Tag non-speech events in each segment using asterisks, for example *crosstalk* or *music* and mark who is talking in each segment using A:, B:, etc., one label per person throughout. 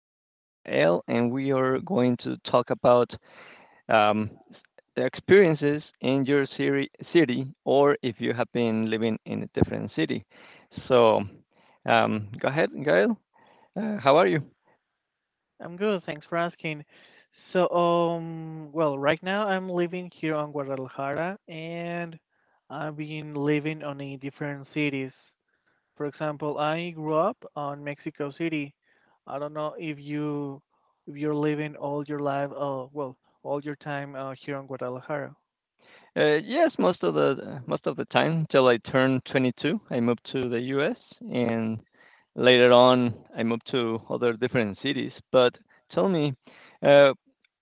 A: with Gael, and we are going to talk about um, experiences in your city, or if you have been living in a different city. So, Go ahead, Gael. How are you?
B: I'm good, thanks for asking. So, well, right now I'm living here on Guadalajara, and I've been living on a different cities. For example, I grew up on Mexico City. I don't know if you're living all your life, well, all your time here on Guadalajara.
A: Yes, most of the time till I turned 22, I moved to the U.S. and Later on, I moved to other different cities. But tell me, uh,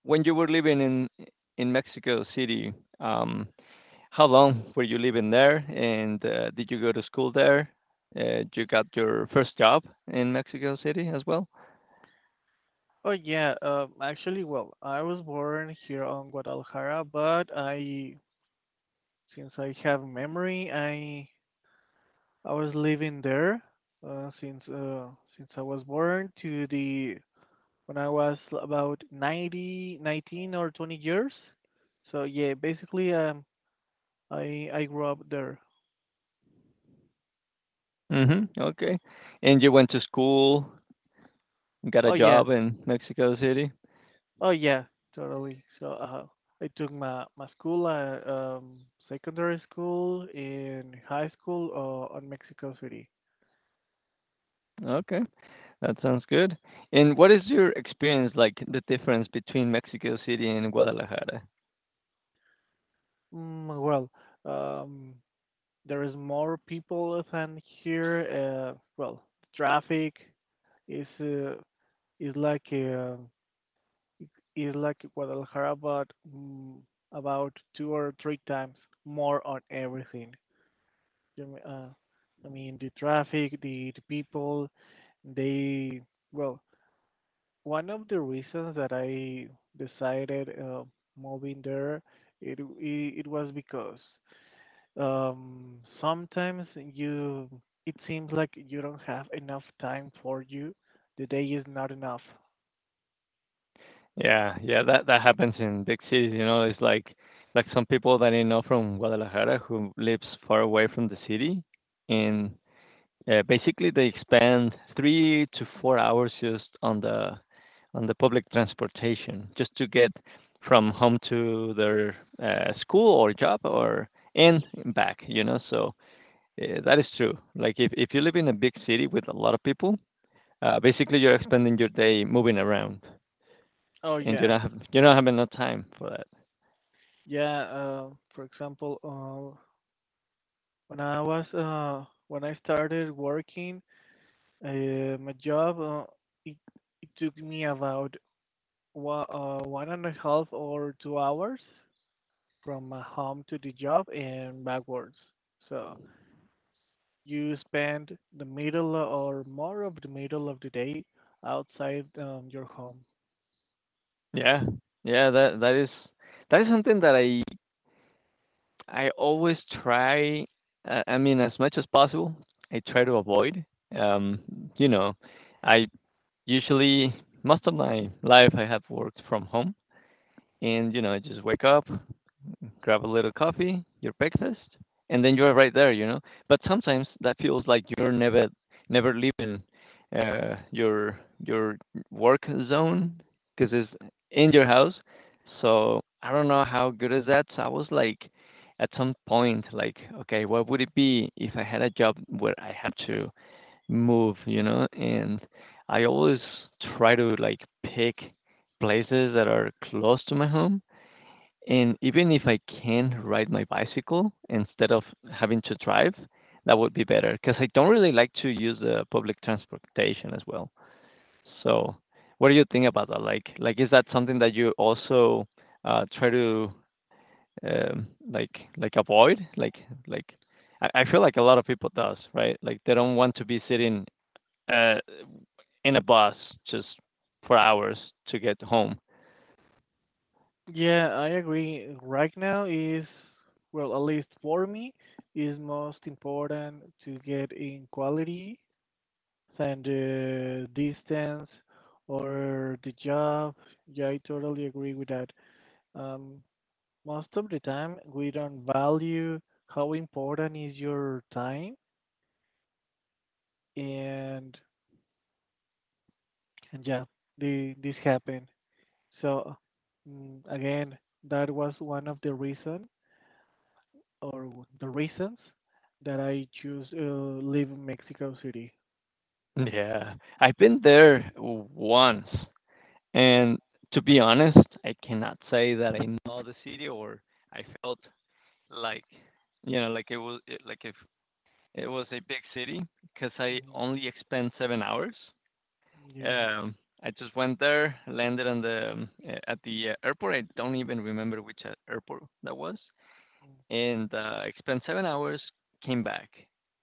A: when you were living in Mexico City, um, how long were you living there, and did you go to school there? You got your first job in Mexico City as well?
B: Oh yeah, actually, well, I was born here on Guadalajara, but I since I have memory, I was living there, uh, since uh, since I was born to the when I was about 90 19 or 20 years. So yeah, basically, I grew up there.
A: Hmm. Okay. And you went to school, got a
B: Oh yeah.
A: job in Mexico City?
B: Oh yeah, totally. So, I took my school, secondary school and high school, on Mexico City.
A: Okay, that sounds good. And what is your experience like, the difference between Mexico City and Guadalajara?
B: Well, um there is more people than here. Well, traffic It's uh, it's like uh, it- it's like Guadalajara, but, mm, about two or three times more on everything. You m- Uh, I mean, the traffic, the people, they well, one of the reasons that I decided, moving there, it was because, sometimes you it seems like you don't have enough time for you. The day is not enough.
A: Yeah, yeah, that happens in big cities, you know. It's like some people that I know from Guadalajara who lives far away from the city, and basically they spend 3 to 4 hours just on the public transportation just to get from home to their school or job or and back, you know. So that is true. Like if you live in a big city with a lot of people, basically you're spending your day moving around
B: Oh
A: and you
B: yeah.
A: don't have you don't have enough time for that.
B: Yeah, for example, when I started working, uh, my job, it, it took me about 1.5 or 2 hours from my home to the job and backwards. So you spend the middle or more of the middle of the day outside, your home.
A: Yeah, yeah, that is something that I always try. I mean, as much as possible, I try to avoid. Um, you know, I usually, most of my life I have worked from home, and you know, I just wake up, grab a little coffee, your breakfast, and then you're right there, you know. But sometimes that feels like you're never leaving your work zone because it's in your house. So I don't know how good is that. So I was like, at some point, like, okay, what would it be if I had a job where I had to move, you know? And I always try to like pick places that are close to my home, and even if I can ride my bicycle instead of having to drive, that would be better because I don't really like to use the public transportation as well. So, what do you think about that? Like is that something that you also try to um, like like avoid? Like I feel like a lot of people does, right? Like they don't want to be sitting uh, in a bus just for hours to get home.
B: Yeah, I agree. Right now is, well, at least for me, is most important to get in quality than the distance or the job. Yeah, I totally agree with that. Um, Most of the time, we don't value how important is your time, and yeah, this happened. So, again, that was one of the reason, or the reasons that I choose, live in Mexico City.
A: Yeah, I've been there once. And to be honest, I cannot say that I know the city or I felt like, you know, like it was like if it was a big city because I
B: Hmm.
A: only spent 7 hours.
B: Yeah.
A: Um, I just went there, landed on the at the airport. I don't even remember which airport that was,
B: Mm.
A: and I spent 7 hours. Came back.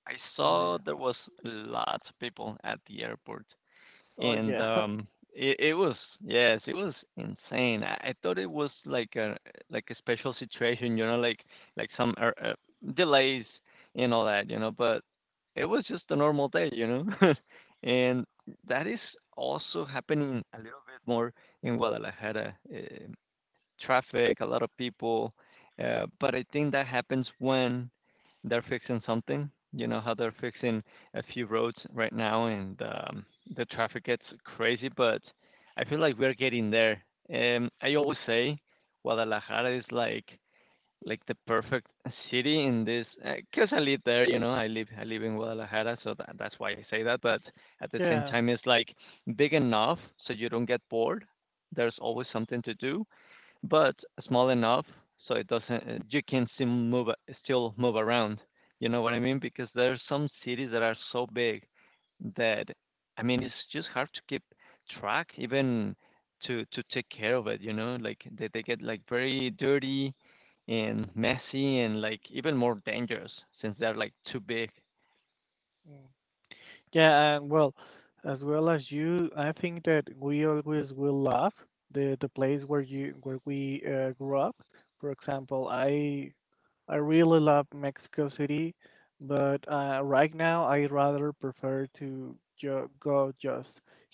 A: I
B: Oh
A: saw
B: yeah.
A: there was lots of people at the airport,
B: Oh
A: and
B: yeah. *laughs*
A: it was yes it was insane. I thought it was like a special situation, you know, like some delays and all that, you know. But it was just a normal day, you know. *laughs* And that is also happening a little bit more in guadalajara, eh, traffic, a lot of people. But I think that happens when they're fixing something. You know how they're fixing a few roads right now, and the traffic gets crazy. But I feel like we're getting there. I always say Guadalajara is like the perfect city in this because I live there. You know, I live in Guadalajara, so that's why I say that. But at the same
B: Yeah.
A: time, it's like big enough so you don't get bored. There's always something to do, but small enough so it doesn't, you can still move around, you know what I mean, because there are some cities that are so big that I mean it's just hard to keep track, even to take care of it, you know, like they get like very dirty and messy and like even more dangerous since they're like too big.
B: Mm. Yeah, and well as you, I think that we always will love the place where you where we, grew up. For example, I really love Mexico City, but, right now I rather prefer to go just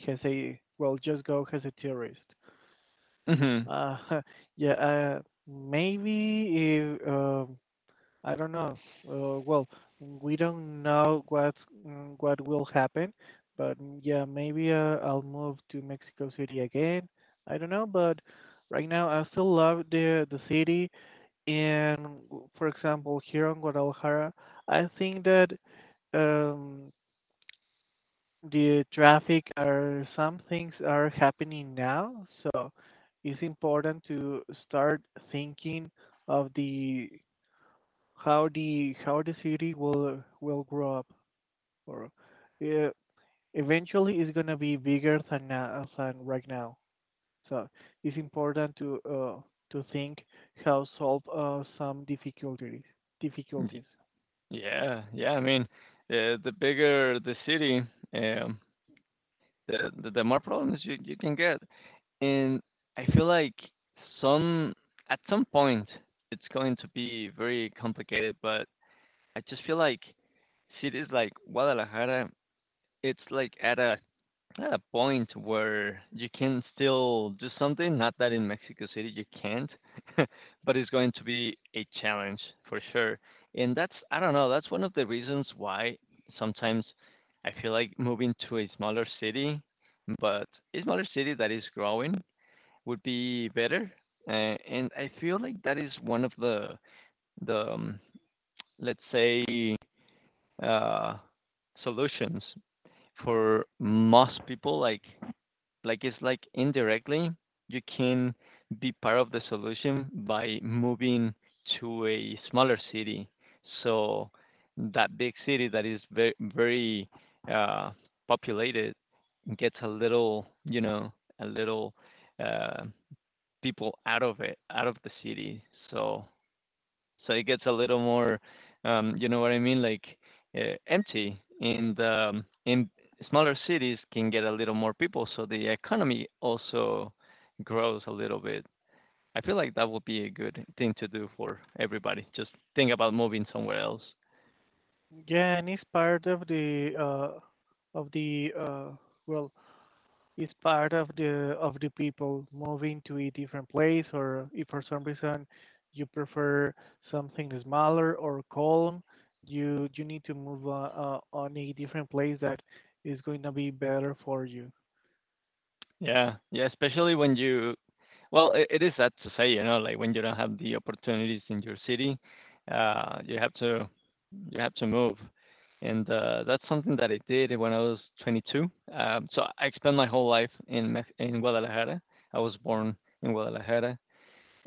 B: as a, well, just go as a tourist.
A: Mhm.
B: Uh, *laughs* yeah, maybe if, I don't know. Well, we don't know what will happen, but, yeah, maybe, I'll move to Mexico City again. I don't know, but right now I still love the city. And for example, here in Guadalajara, I think that, um, the traffic or some things are happening now, so it's important to start thinking of the how the city will grow up, or, uh, eventually it's going to be bigger than now than right now. So it's important to think how solve, some difficulties
A: Y-
B: difficulties
A: yeah, yeah, I mean, the bigger the city, um the the more problems you can get. And I feel like some at some point it's going to be very complicated, but I just feel like cities like Guadalajara, it's like at a point where you can still do something. Not that in Mexico City you can't, *laughs* but it's going to be a challenge for sure. And that's, I don't know, that's one of the reasons why sometimes I feel like moving to a smaller city, but a smaller city that is growing would be better. And I feel like that is one of the the um, let's say uh, solutions for most people. Like it's like indirectly you can be part of the solution by moving to a smaller city. So that big city that is very uh, populated gets a little, you know, a little uh, people out of it, out of the city. So it gets a little more, you know what I mean, like empty. And in smaller cities can get a little more people, so the economy also grows a little bit. I feel like that would be a good thing to do for everybody. Just think about moving somewhere else.
B: Yeah, and it's part of the, of the uh, well, is part of the people moving to a different place, or if for some reason you prefer something smaller or calm, you need to move, on a different place that is going to be better for you.
A: Yeah, yeah, especially when you. Well, it is sad to say, you know, like when you don't have the opportunities in your city, uh, you have to you have to move, and that's something that I did when I was 22. So I spent my whole life in in Guadalajara. I was born in Guadalajara,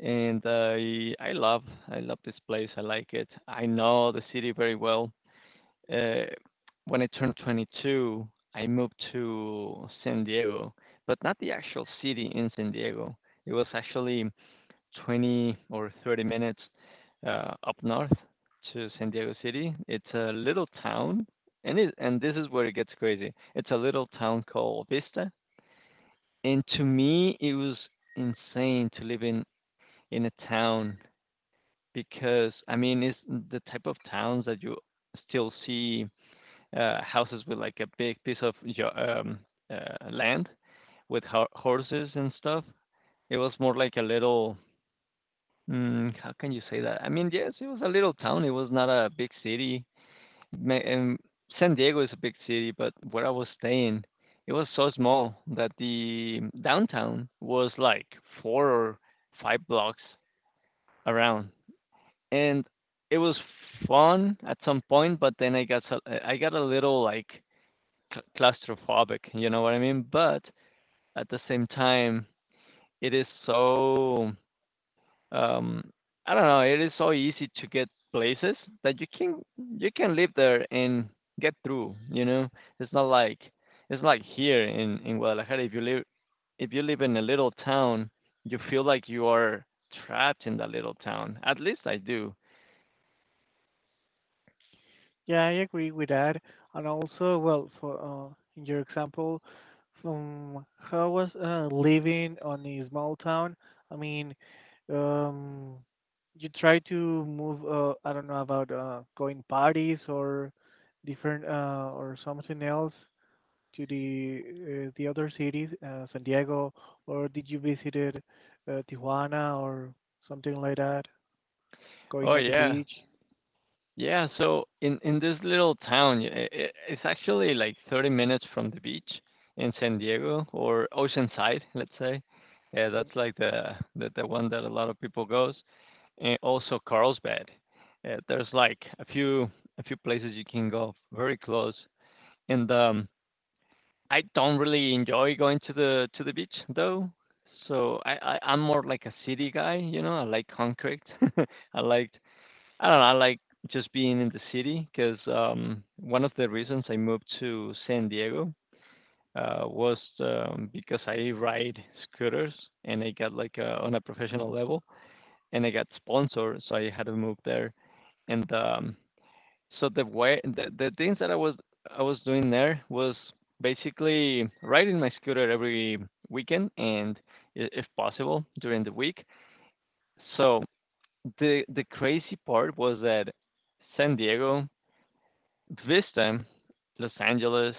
A: and I love this place. I like it. I know the city very well. Uh, when I turned 22, I moved to San Diego, but not the actual city in San Diego. It was actually 20 or 30 minutes up north to San
B: Mhm.
A: Diego City. It's a little town, and it, and this is where it gets crazy. It's a little town called Vista, and to me, it was insane to live in a town because I mean, it's the type of towns that you still see houses with like a big piece of land with horses and stuff. It was more like a little. Mm, how can you say that? I mean, yes, it was a little town. It was not a big city. And San Diego is a big city, but where I was staying, it was so small that the downtown was like four or five blocks around. And it was fun at some point, but then I got I got a little like claustrophobic, you know what I mean? But at the same time, it is so. Um, I don't know. It is so easy to get places that you can live there and get through. You know, it's not like it's like here in Guadalajara. If you live in a little town, you feel like you are trapped in that little town. At least I do.
B: Yeah, I agree with that. And also, well, for in your example, from how was, living on a small town? I mean, um, you try to move. I don't know about, going parties or different, or something else to the other cities, San Diego, or did you visited, Tijuana, or something like that? Going
A: Oh
B: at the
A: yeah,
B: beach?
A: yeah. So in this little town, I it's actually like 30 minutes from the beach in San Diego or Oceanside, let's say. Yeah,
B: Mm.
A: that's like the one that a lot of people goes. And also Carlsbad. There's like a few places you can go very close, and I don't really enjoy going to the beach though. So, I'm more like a city guy, you know. I like concrete. *laughs* I like I don't know. I like just being in the city because one of the reasons I moved to San Diego was, because I ride scooters and I got like on a professional level and I got sponsored, so I had to move there. And so the way the things that I was doing there was basically riding my scooter every weekend and if possible during the week. So the crazy part was that San Diego, Vista, Los Angeles,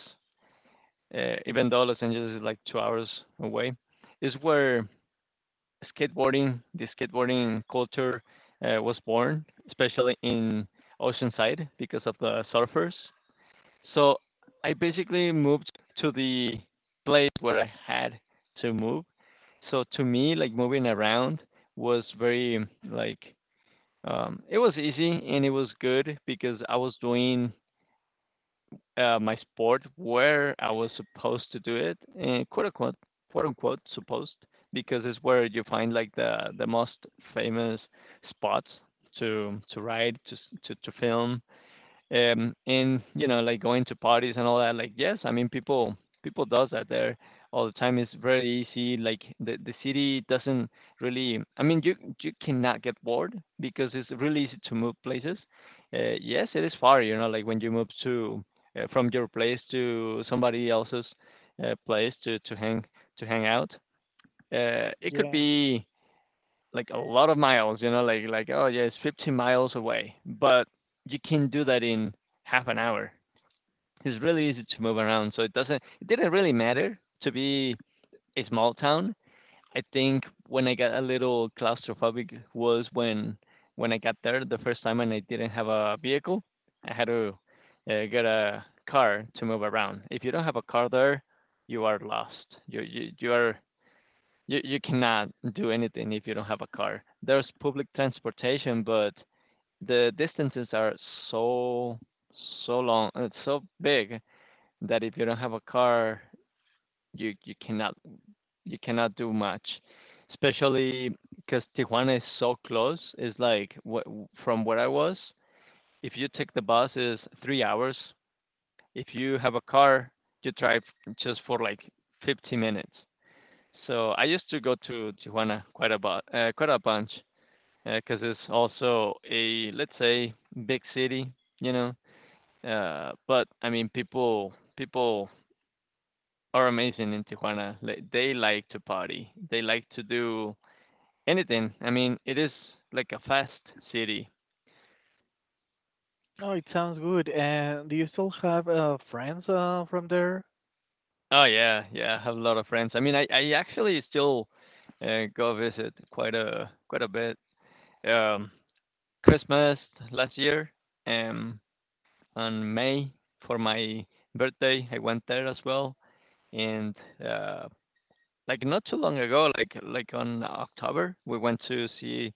A: even though Los Angeles is like 2 hours away, is where skateboarding, the skateboarding culture, was born, especially in Oceanside because of the surfers. So I basically moved to the place where I had to move. So to me, like moving around was very it was easy, and it was good because I was doing my sport where I was supposed to do it, and quote unquote, supposed because it's where you find like the most famous spots to ride, to film, and you know, like going to parties and all that. Like, yes, I mean, people does that there all the time. It's very easy. Like the city doesn't really. I mean, you cannot get bored because it's really easy to move places. Yes, it is far. You know, like when you move to from your place to somebody else's place to hang out. It could
B: Yeah.
A: be like a lot of miles, you know, like oh yeah, it's 15 miles away, but you can do that in half an hour. It's really easy to move around, so it didn't really matter to be a small town. I think when I got a little claustrophobic was when I got there the first time and I didn't have a vehicle. I had to get a car to move around. If you don't have a car there, you are lost. You are you cannot do anything if you don't have a car. There's public transportation, but the distances are so so long, it's so big that if you don't have a car, you cannot you cannot do much. Especially because Tijuana is so close. It's like from where I was, if you take the bus, it's 3 hours. If you have a car, you drive just for like 50 minutes. So I used to go to Tijuana quite a bunch because it's also, a let's say, big city, you know. But I mean, people are amazing in Tijuana. Like, they like to party. They like to do anything. I mean, it is like a fast city.
B: Oh, it sounds good. And do you still have, friends, from there?
A: Oh yeah, yeah. I have a lot of friends. I mean, I actually still go visit quite a bit. Um, Christmas last year. Um, on May for my birthday. I went there as well, and uh, like not too long ago, like on October, we went to see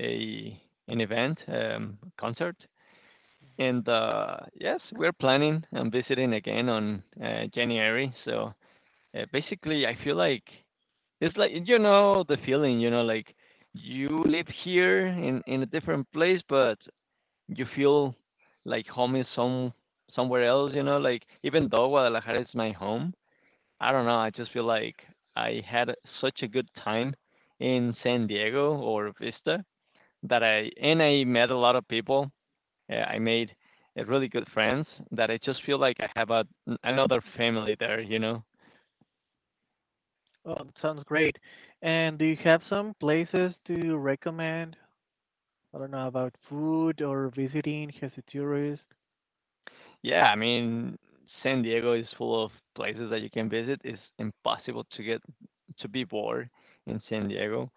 A: a an event, concert, and yes, we're planning on visiting again on January. So basically, I feel like it's like, you know, the feeling, you know, like you live here in a different place, but you feel like home is somewhere else, you know, like even though Guadalajara is my home, I don't know, I just feel like I had such a good time in San Diego or Vista that I, and I met a lot of people. I made really good friends, that I just feel like I have, a, another family there, you know.
B: Oh, it sounds great. And do you have some places to recommend? I don't know about food or visiting as a tourist.
A: Yeah, I mean, San Diego is full of places that you can visit. It's impossible to get to be bored in San Diego.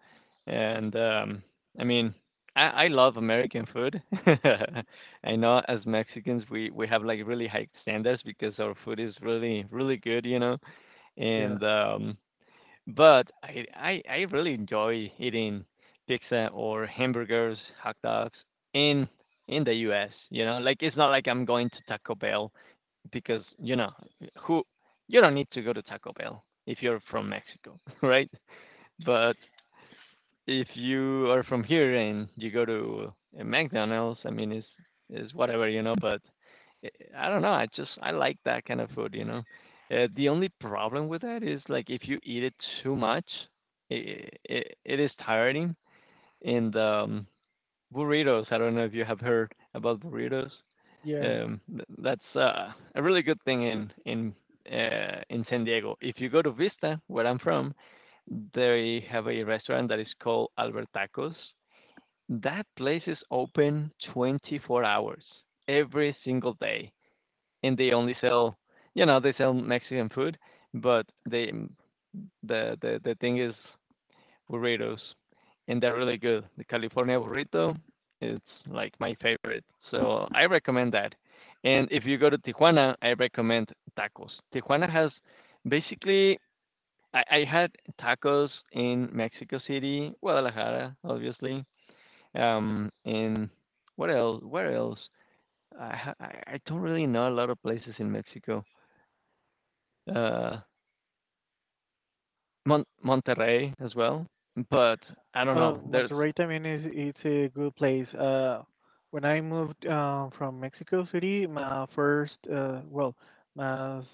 A: And I mean, I love American food. *laughs* I know as Mexicans, we have like really high standards because our food is really, really good, you know.
B: Yeah,
A: And but I, I really enjoy eating pizza or hamburgers, hot dogs in in the U.S. You know, like it's not like I'm going to Taco Bell because, you know who, you don't need to go to Taco Bell if you're from Mexico, *laughs* right? But if you are from here and you go to a McDonald's, I mean, it's is whatever, you know. But I don't know. I like that kind of food, you know. The only problem with that is like if you eat it too much, it is tiring. And burritos. I don't know if you have heard about burritos.
B: yeah.
A: That's a really good thing in San Diego. If you go to Vista, where I'm from, they have a restaurant that is called Albert Tacos. That place is open 24 hours every single day, and they only sell, you know, they sell Mexican food, but they the thing is burritos, and they're really good. The California burrito is like my favorite, so I recommend that. And if you go to Tijuana, I recommend tacos. Tijuana has basically I had tacos in Mexico City, Guadalajara, obviously. And what else? Where else? I ha- I don't really know a lot of places in Mexico. Uh, Mon- Monterrey as well, but I don't know.
B: Oh,
A: There's
B: Monterrey, I mean, is it's a good place. When I moved, from Mexico City, well, my, s-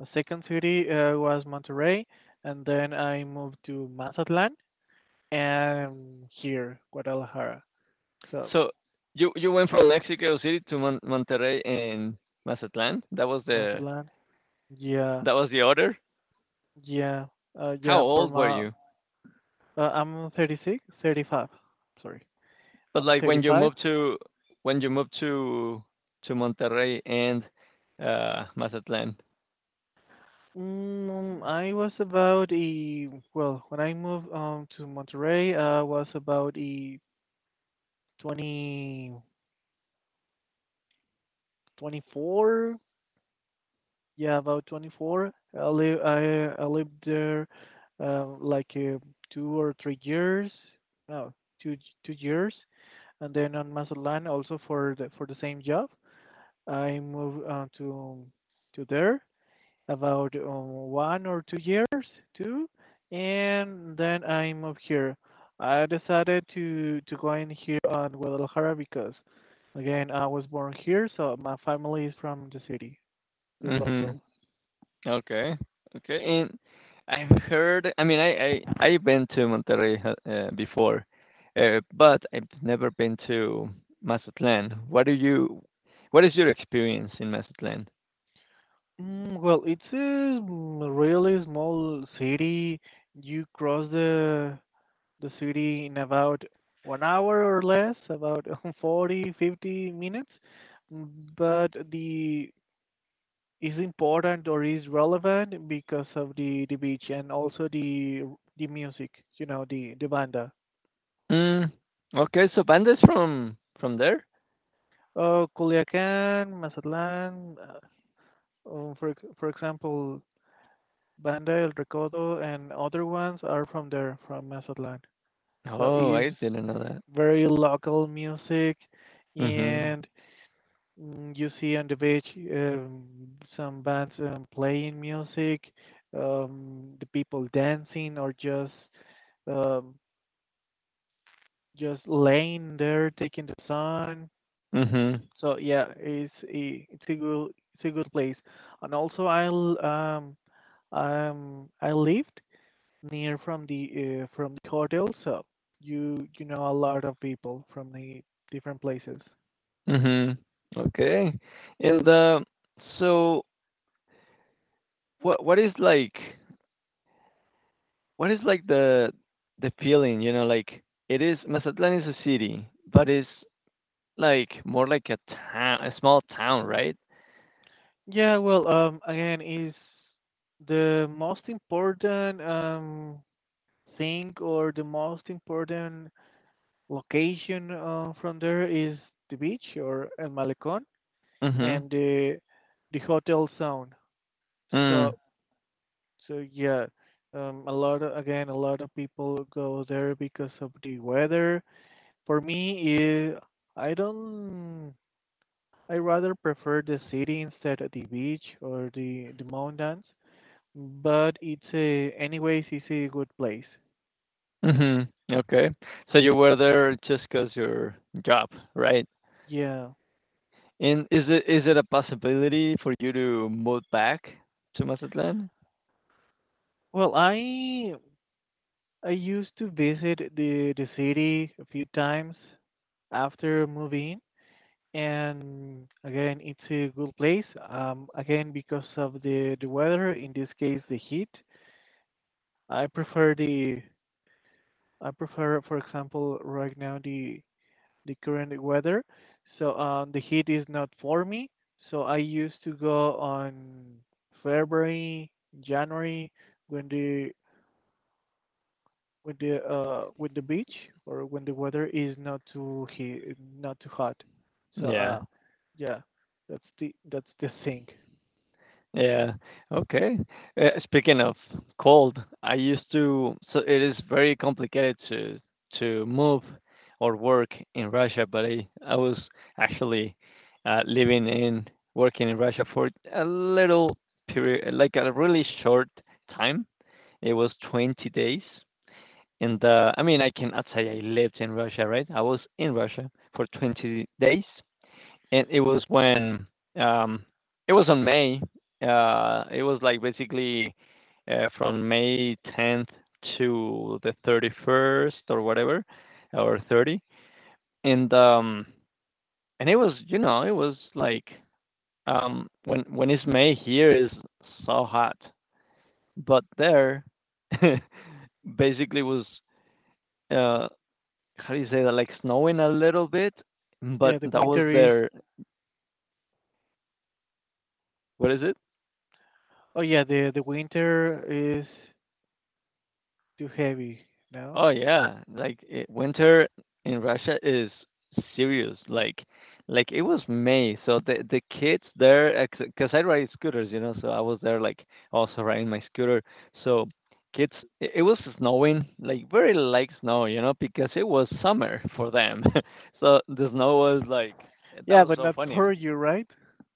B: my second city, was Monterrey, and then I moved to Mazatlan and here, Guadalajara. So,
A: so you went from Mexico City to Mon- Monterrey and Mazatlan. That was the
B: Mazatlán. Yeah,
A: order.
B: yeah,
A: How
B: yeah.
A: old were you?
B: I'm 35. Sorry,
A: But
B: I'm
A: like when you
B: 35.
A: moved to when you moved to to Monterrey and Mazatlan.
B: I was about a well, when I moved, to Monterrey. I was about a twenty twenty four. Yeah, about 24. I lived there, like, 2 or 3 years. No, two two years, and then on Mazatlan also for the same job, I moved, to there, about, 1 or 2 years too, and then I moved here. I decided to go in here on Guadalajara because, again, I was born here, so my family is from the city, is
A: Mhm.
B: local.
A: Okay. Okay. And I've heard. I mean, I I've been to Monterrey before, but I've never been to Mazatlan. What do you? What is your experience in Mazatlan?
B: Well, it's a, really small city. You cross the city in about 1 hour or less, about *laughs* 40 50 minutes. But the is important, or is relevant because of the beach, and also the music, the banda.
A: Mm, okay, so pandas from there?
B: Culiacán, Mazatlán, for example, Banda El Recodo and other ones are from there, from Mazatlán. So
A: Oh,
B: it's
A: I didn't know that.
B: very local music,
A: Mhm.
B: and you see on the beach, um, some bands, playing music, the people dancing, or um, just laying there taking the sun.
A: Mhm.
B: So yeah, it's a good place. And also, I lived near from the hotel, so you know a lot of people from the different places.
A: Mhm. Okay. And so what is like what is like the the feeling, you know, like it is, Mazatlan is a city, but it's like more like a town, a small town, right?
B: Yeah, well, again, is the most important, thing, or the most important location, from there is the beach or El Malecón,
A: Mhm.
B: and the hotel zone. So,
A: Mm.
B: so, yeah, a lot of, again, a lot of people go there because of the weather. For me, I don't. I rather prefer the city instead of the beach or the mountains, but it's a anyways, it's a good place.
A: Mhm. Okay. So you were there just 'cause your job, right?
B: Yeah,
A: And is it a possibility for you to move back to Mazatlan?
B: well, I used to visit the city a few times after moving, and again it's a good place, again because of the weather. In this case, the heat, i prefer the I prefer, for example, right now the current weather. So, the heat is not for me. So I used to go on February, January, when the when the beach, or when the weather is not too heat, not too hot. So,
A: Yeah.
B: yeah, that's the thing.
A: Yeah. Okay. Speaking of cold, I used to, so it is very complicated to move or work in Russia, but I was actually living in working in Russia for a little period, like a really short time. It was 20 days. In the I mean, I cannot say I lived in Russia, right? I was in Russia for 20 days, and it was when um, it was on May. It was like basically from May 10th to the 31st or whatever, or 30, and um, and it was, you know, it was like when it's May here is so hot, but there *laughs* basically was uh, how do you say that? Like snowing a little bit, but
B: Yeah, the
A: that was
B: winter is.
A: their, what is it?
B: Oh yeah, the winter is too heavy, no?
A: Oh yeah, like it, winter in Russia is serious. Like it was May, so the kids there, because I ride scooters, you know, so I was there like also riding my scooter. So kids, it was snowing, like very light snow, you know, because it was summer for them. *laughs* so the snow was like, that
B: Yeah,
A: was
B: but
A: so
B: not
A: funny.
B: for you, right?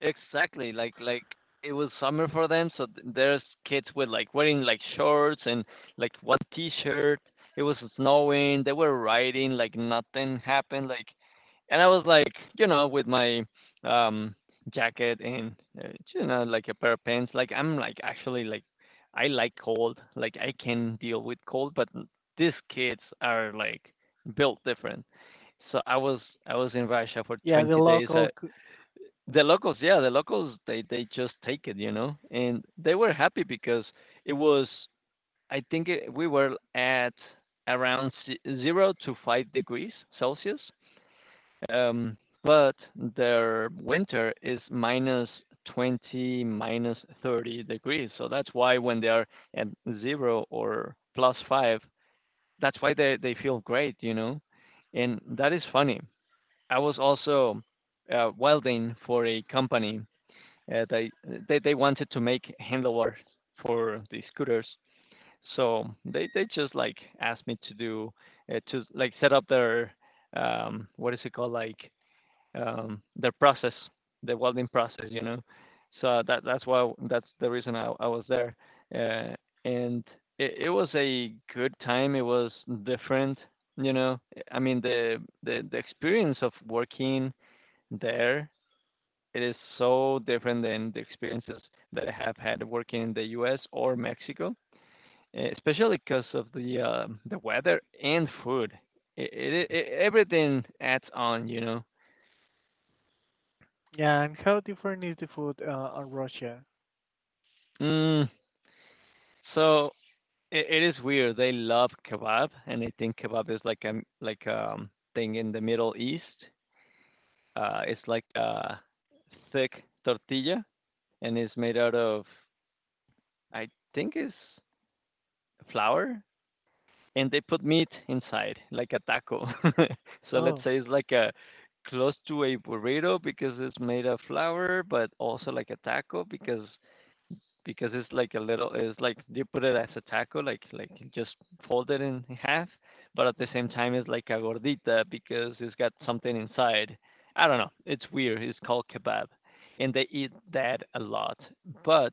A: Exactly. Like it was summer for them, so there's kids with like wearing like shorts and like one t-shirt. It was snowing. They were riding like nothing happened. Like, and I was like, you know, with my um jacket and uh, you know, like a pair of pants. Like I'm like actually like I like cold. Like I can deal with cold, these kids are like built different. So I was in Russia for
B: Yeah, the
A: 20 days.
B: local.
A: The locals, yeah, the locals, they just take it, you know, and they were happy because it was, I think it, we were at around 0 to 5 degrees Celsius, um, but their winter is minus 20, minus 30 degrees. So that's why when they are at zero or plus five, that's why they feel great, you know, and that is funny. I was also welding for a company uh, they, they wanted to make handlebars for the scooters, so they just like asked me to do to like set up their um, what is it called, like um, their process, the welding process, you know. So that that's why, that's the reason I was there, uh, and it was a good time. It was different, you know. I mean the experience of working there, it is so different than the experiences that I have had working in the U.S. or Mexico, eh, especially because of the weather and food. It everything adds on, you know.
B: Yeah, and how different is the food, on Russia?
A: Mm, so it is weird. They love kebab, and I think kebab is like a like thing in the Middle East. It's like a thick tortilla, and it's made out of, I think it's flour, and they put meat inside, like a taco. *laughs* so let's
B: Oh,
A: say it's like a close to a burrito because it's made of flour, but also like a taco because it's like a little, it's like they put it as a taco, like just fold it in half, but at the
B: mm,
A: same time it's like a gordita because it's got something inside. I don't know. It's weird. It's called kebab, and they eat that a lot, but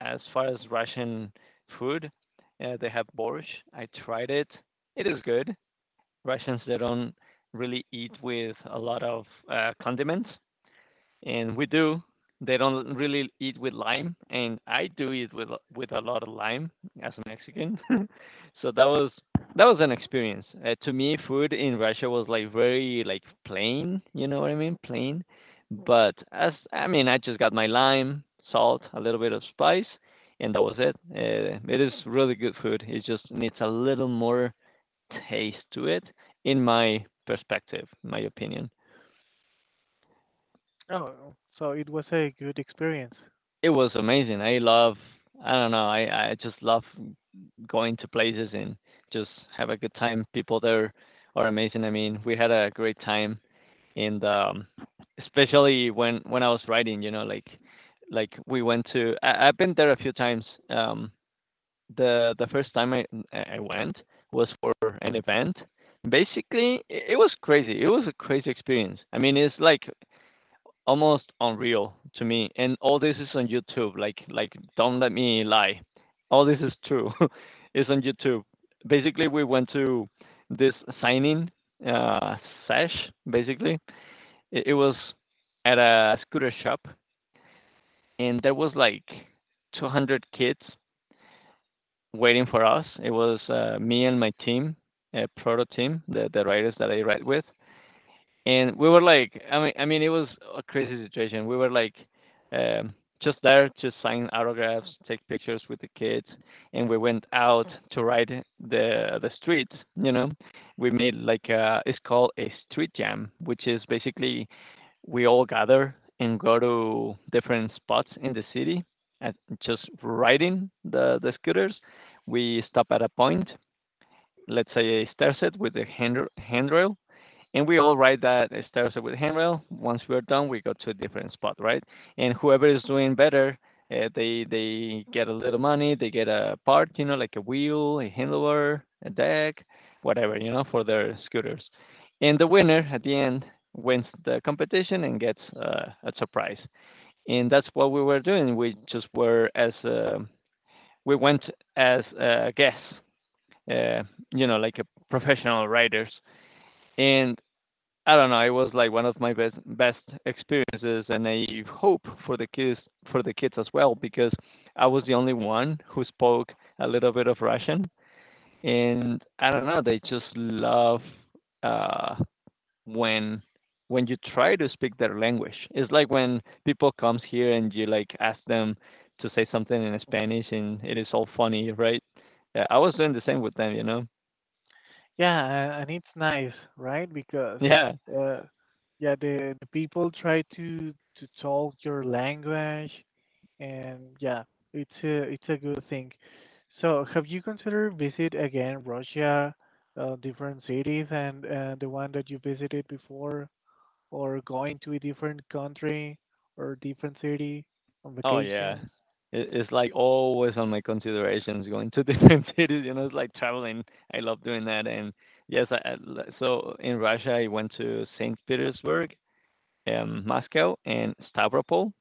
A: as far as Russian food, they have borscht. I tried it. It is good. Russians, they don't really eat with a lot of condiments, and we do. They don't really eat with lime, and I do eat with a lot of lime as a Mexican. *laughs* So that was an experience. To me, food in Russia was like very like plain. You know what I mean? Plain. But as I mean, I just got my lime, salt, a little bit of spice, and that was it. It is really good food. It just needs a little more taste to it, in my perspective, my opinion.
B: oh, so it was a good experience.
A: It was amazing. I don't know, I just love going to places and just have a good time. People there are amazing. I mean, we had a great time and especially when I was riding, like we went to I've been there a few times. Um the first time I went was for an event. Basically, I- it was crazy. It was a crazy experience. I mean, it's like almost unreal to me. And all this is on YouTube. Like don't let me lie. All this is true. *laughs* It's on YouTube. Basically, we went to this signing uh, sesh. Basically, it was at a scooter shop, and there was like 200 kids waiting for us. It was me and my team, a proto team, the riders that I ride with. And we were like, I mean, it was a crazy situation. We were like, um, just there to sign autographs, take pictures with the kids, and we went out to ride the streets. You know, we made like a, it's called a street jam, which is basically we all gather and go to different spots in the city and just riding the scooters. We stop at a point, let's say a stair set with a handrail, and we all write that it starts with handrail. Once we're done, we go to a different spot, right? And whoever is doing better, uh, they get a little money, they get a part, you know, like a wheel, a handlebar, a deck, whatever, you know, for their scooters. And the winner at the end wins the competition and gets a surprise. And that's what we were doing. We just were as we went as guests, uh, you know, like a professional riders. And I don't know. It was like one of my best experiences, and I hope for the kids as well because I was the only one who spoke a little bit of Russian, and I don't know. They just love uh, when when you try to speak their language. It's like when people comes here and you like ask them to say something in Spanish, and it is all funny, right? Yeah, I was doing the same with them, you know.
B: Yeah, and it's nice, right? Because,
A: *laughs* Yeah.
B: uh, yeah, the people try to talk your language, and yeah, it's a good thing. So, have you considered visit again Russia, different cities, and, the one that you visited before? Or going to a different country or different city on
A: Oh, yeah.
B: vacations.
A: It it's, like, always on my considerations going to *laughs* different cities, you know, it's like traveling. I love doing that, and yes, I l so in Russia, I went to Saint Petersburg, Moscow, and Stavropol,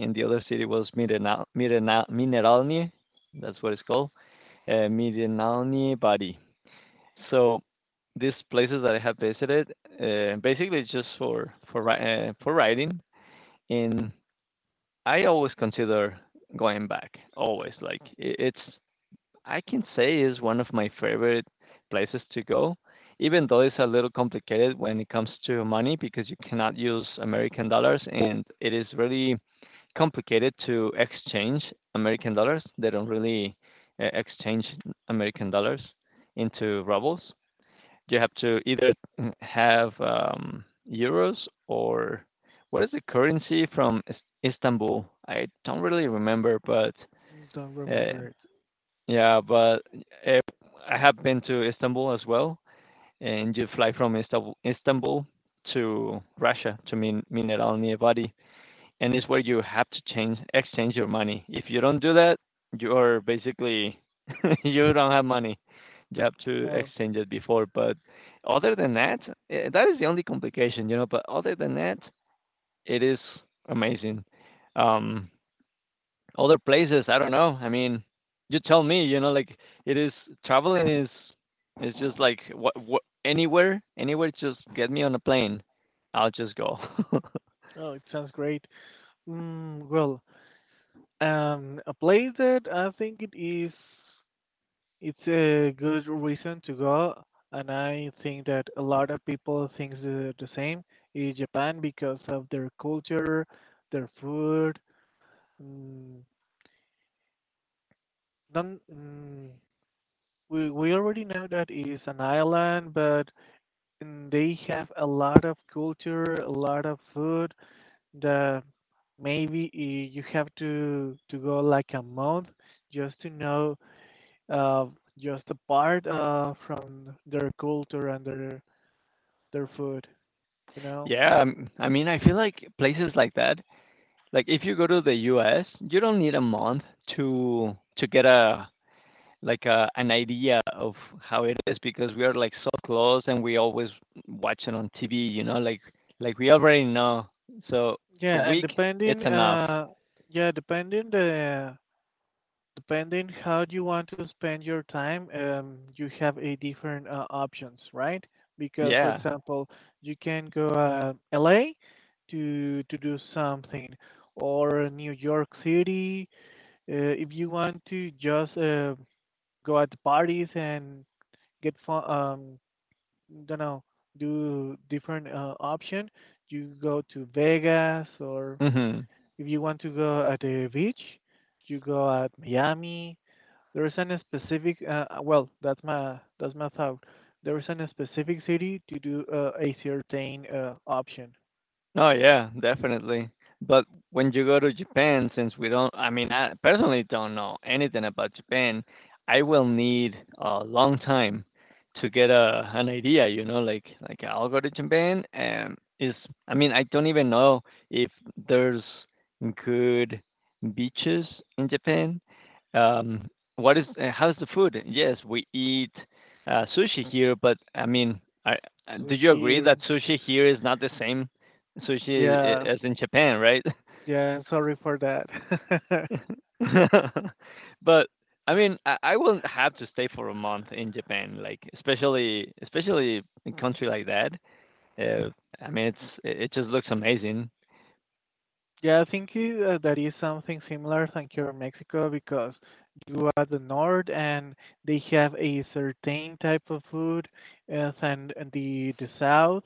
A: and the other city was Mirena Mineralny, that's what it's called, Mirenalny Vody. So these places that I have visited, basically it's just for riding, and I always consider going back. Always like it's I can say is one of my favorite places to go, even though it's a little complicated when it comes to money because you cannot use American dollars and it is really complicated to exchange American dollars. They don't really exchange American dollars into rubles. You have to either have euros or what is the currency from Istanbul? I don't really remember, but
B: Don't
A: uh,
B: remember it.
A: yeah, but uh, I have been to Istanbul as well, and you fly from Istanbul to Russia, to Mineral Nevadi, and it's where you have to change exchange your money. If you don't do that, you are basically *laughs* you don't have money. You have to
B: Oh,
A: exchange it before. But other than that, that is the only complication, you know. But other than that, it is amazing. Um, other places, I don't know. I mean, you tell me, you know, like it is traveling is just like what anywhere, anywhere. Just get me on a plane, I'll just go. *laughs*
B: oh, it sounds great. Well, a place that I think it's a good reason to go, and I think that a lot of people think the same is Japan because of their culture, their food. Mm, non, we already know that it's an island, but, and they have a lot of culture, a lot of food that maybe you have to go like a month just to know, uh, just a part, from their culture and their food, you know.
A: Yeah, I mean, I feel like places like that, like if you go to the US, you don't need a month to get a like a, an idea of how it is because we are like so close and we always watch it on TV, like we already know. So a
B: Yeah, and
A: week, it's
B: depending
A: enough.
B: yeah, depending how you want to spend your time, you have a different, options, right? Because, for
A: Yeah.
B: example, you can go, LA to do something, or New York City, if you want to just, go at parties and get fun. Don't know, do different, option. You go to Vegas, or
A: Mhm.
B: if you want to go at a beach, you go at Miami. There is a specific, well, that's my thought. There is a specific city to do, a certain, option.
A: Oh, yeah, definitely. But when you go to Japan, since we don't, I mean, I personally don't know anything about Japan, I will need a long time to get a an idea, you know, like I'll go to Japan and is I mean, I don't even know if there's good beaches in Japan. Um, what is how's the food? Yes, we eat sushi here, but I mean, I, do
B: So
A: you
B: she,
A: agree that sushi here is not the same sushi
B: yeah,
A: as in Japan, right?
B: yeah. Sorry for that.
A: *laughs* But I mean, I wouldn't have to stay for a month in Japan, like especially in a country like that. Uh, I mean, it's it just looks amazing.
B: *laughs* Yeah, I think, that is something similar than here in Mexico, because you are the north and they have a certain type of food, than the south.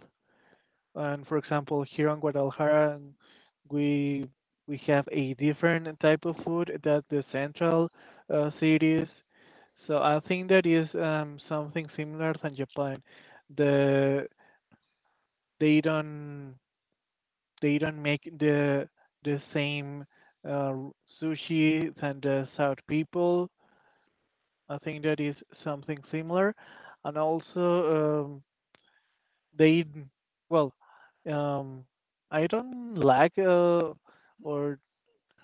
B: And for example, here in Guadalajara, we we have a different type of food that the central, cities. So I think that is, something similar than Japan. The they don't make the same, uh, sushi than the South people. I think that is something similar, and also, um, They, well, um, I don't like, or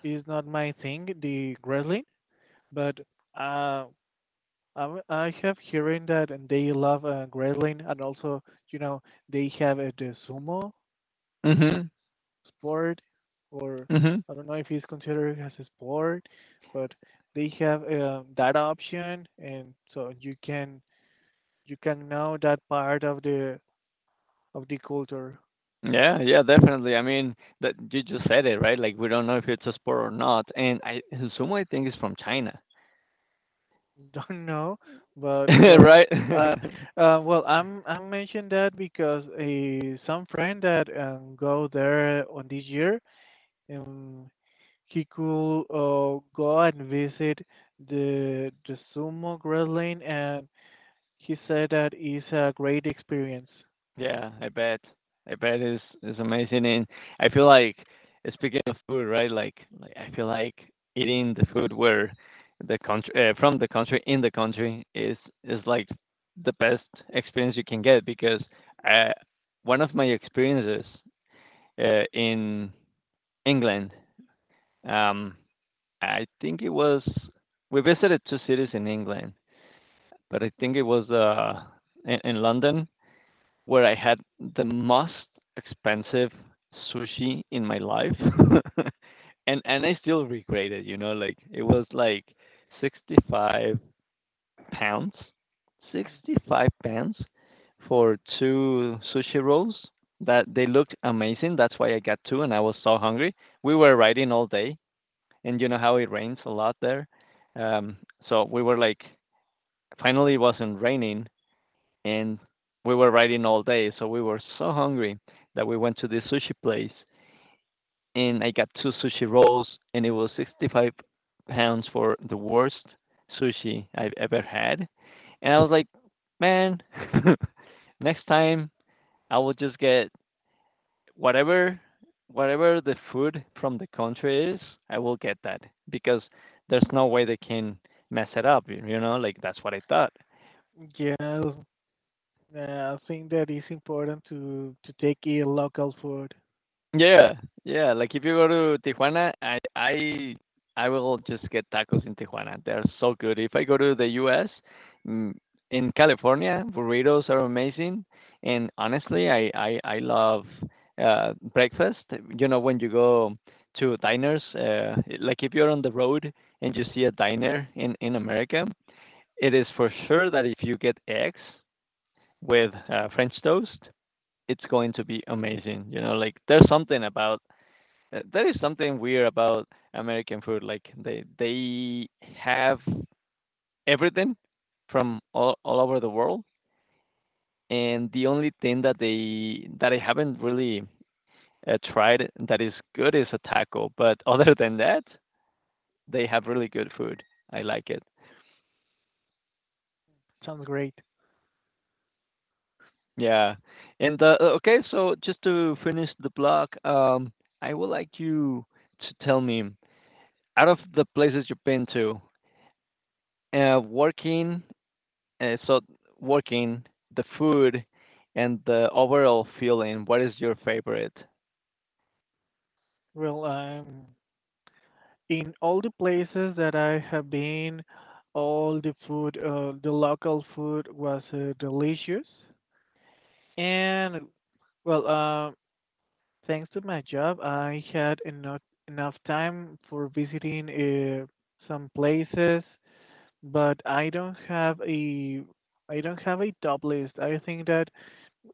B: is not my thing, the wrestling, but, uh, I have hearing that, and they love, grilling. And also, you know they have, the sumo
A: Mhm.
B: sport, or
A: Mhm.
B: I don't know if it's considered as a sport, but they have, that option, and so you can know that part of the culture.
A: Yeah, definitely. I mean, that you just said it, right? Like we don't know if it's a sport or not, and I assume I think it's from China,
B: *laughs* Don't know,
A: *laughs*
B: but well,
A: right? *laughs*
B: uh, well, I'm mentioning that because a some friend that, go there on this year, um, he could, go and visit the sumo wrestling, and he said that is a great experience.
A: Yeah, I bet. I bet it's amazing, and I feel like speaking of food, right? Like I feel like eating the food where the country in the country is like the best experience you can get because uh, one of my experiences in England, um, I think it was we visited two cities in England, but I think it was in London where I had the most expensive sushi in my life. *laughs* And I still regret it, you know, like, it was, like, 65 pounds, £65 for 2 sushi rolls that they looked amazing, that's why I got 2, and I was so hungry. We were riding all day, and you know how it rains a lot there? Um, so we were like finally, it wasn't raining, and we were riding all day, so we were so hungry that we went to this sushi place, and I got two sushi rolls, and it was £65 for the worst sushi I've ever had, and I was like, man, *laughs* next time I will just get whatever whatever the food from the country is, I will get that because there's no way they can mess it up, you know, like that's what I thought.
B: Yeah, I think that is important to take a local food.
A: Yeah, yeah, like, if you go to Tijuana, I I will just get tacos in Tijuana, they're so good. If I go to the US, mm, in California, burritos are amazing, and honestly, I I love, breakfast. You know, when you go to diners, like, if you're on the road and you see a diner in America, it is for sure that if you get eggs with, French toast, it's going to be amazing, you know, like, there's something about That is something weird about American food. Like they have everything from all over the world, and the only thing that they that I haven't really tried that is good is a taco. But *laughs* other than that, they have really good food. I like it.
B: Sounds great.
A: Yeah. And okay, so just to finish the blog, I would like you to tell me out of the places you've been to, uh, working Uh, so working, the food, and the overall feeling. What is your favorite?
B: Well, in all the places that I have been, all the food, the local food was, delicious. And well, thanks to my job, I had enough time for visiting, uh, some places, but I don't have a top list. I think that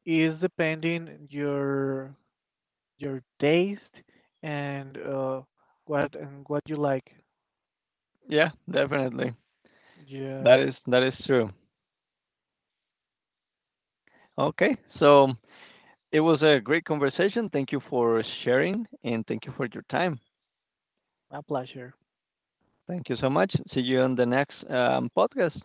B: is depending your taste and, what you like.
A: Yeah, definitely.
B: Yeah,
A: That is true. Okay, so it was a great conversation. Thank you for sharing, and thank you for your time.
B: my pleasure.
A: Thank you so much. See you on the next podcast.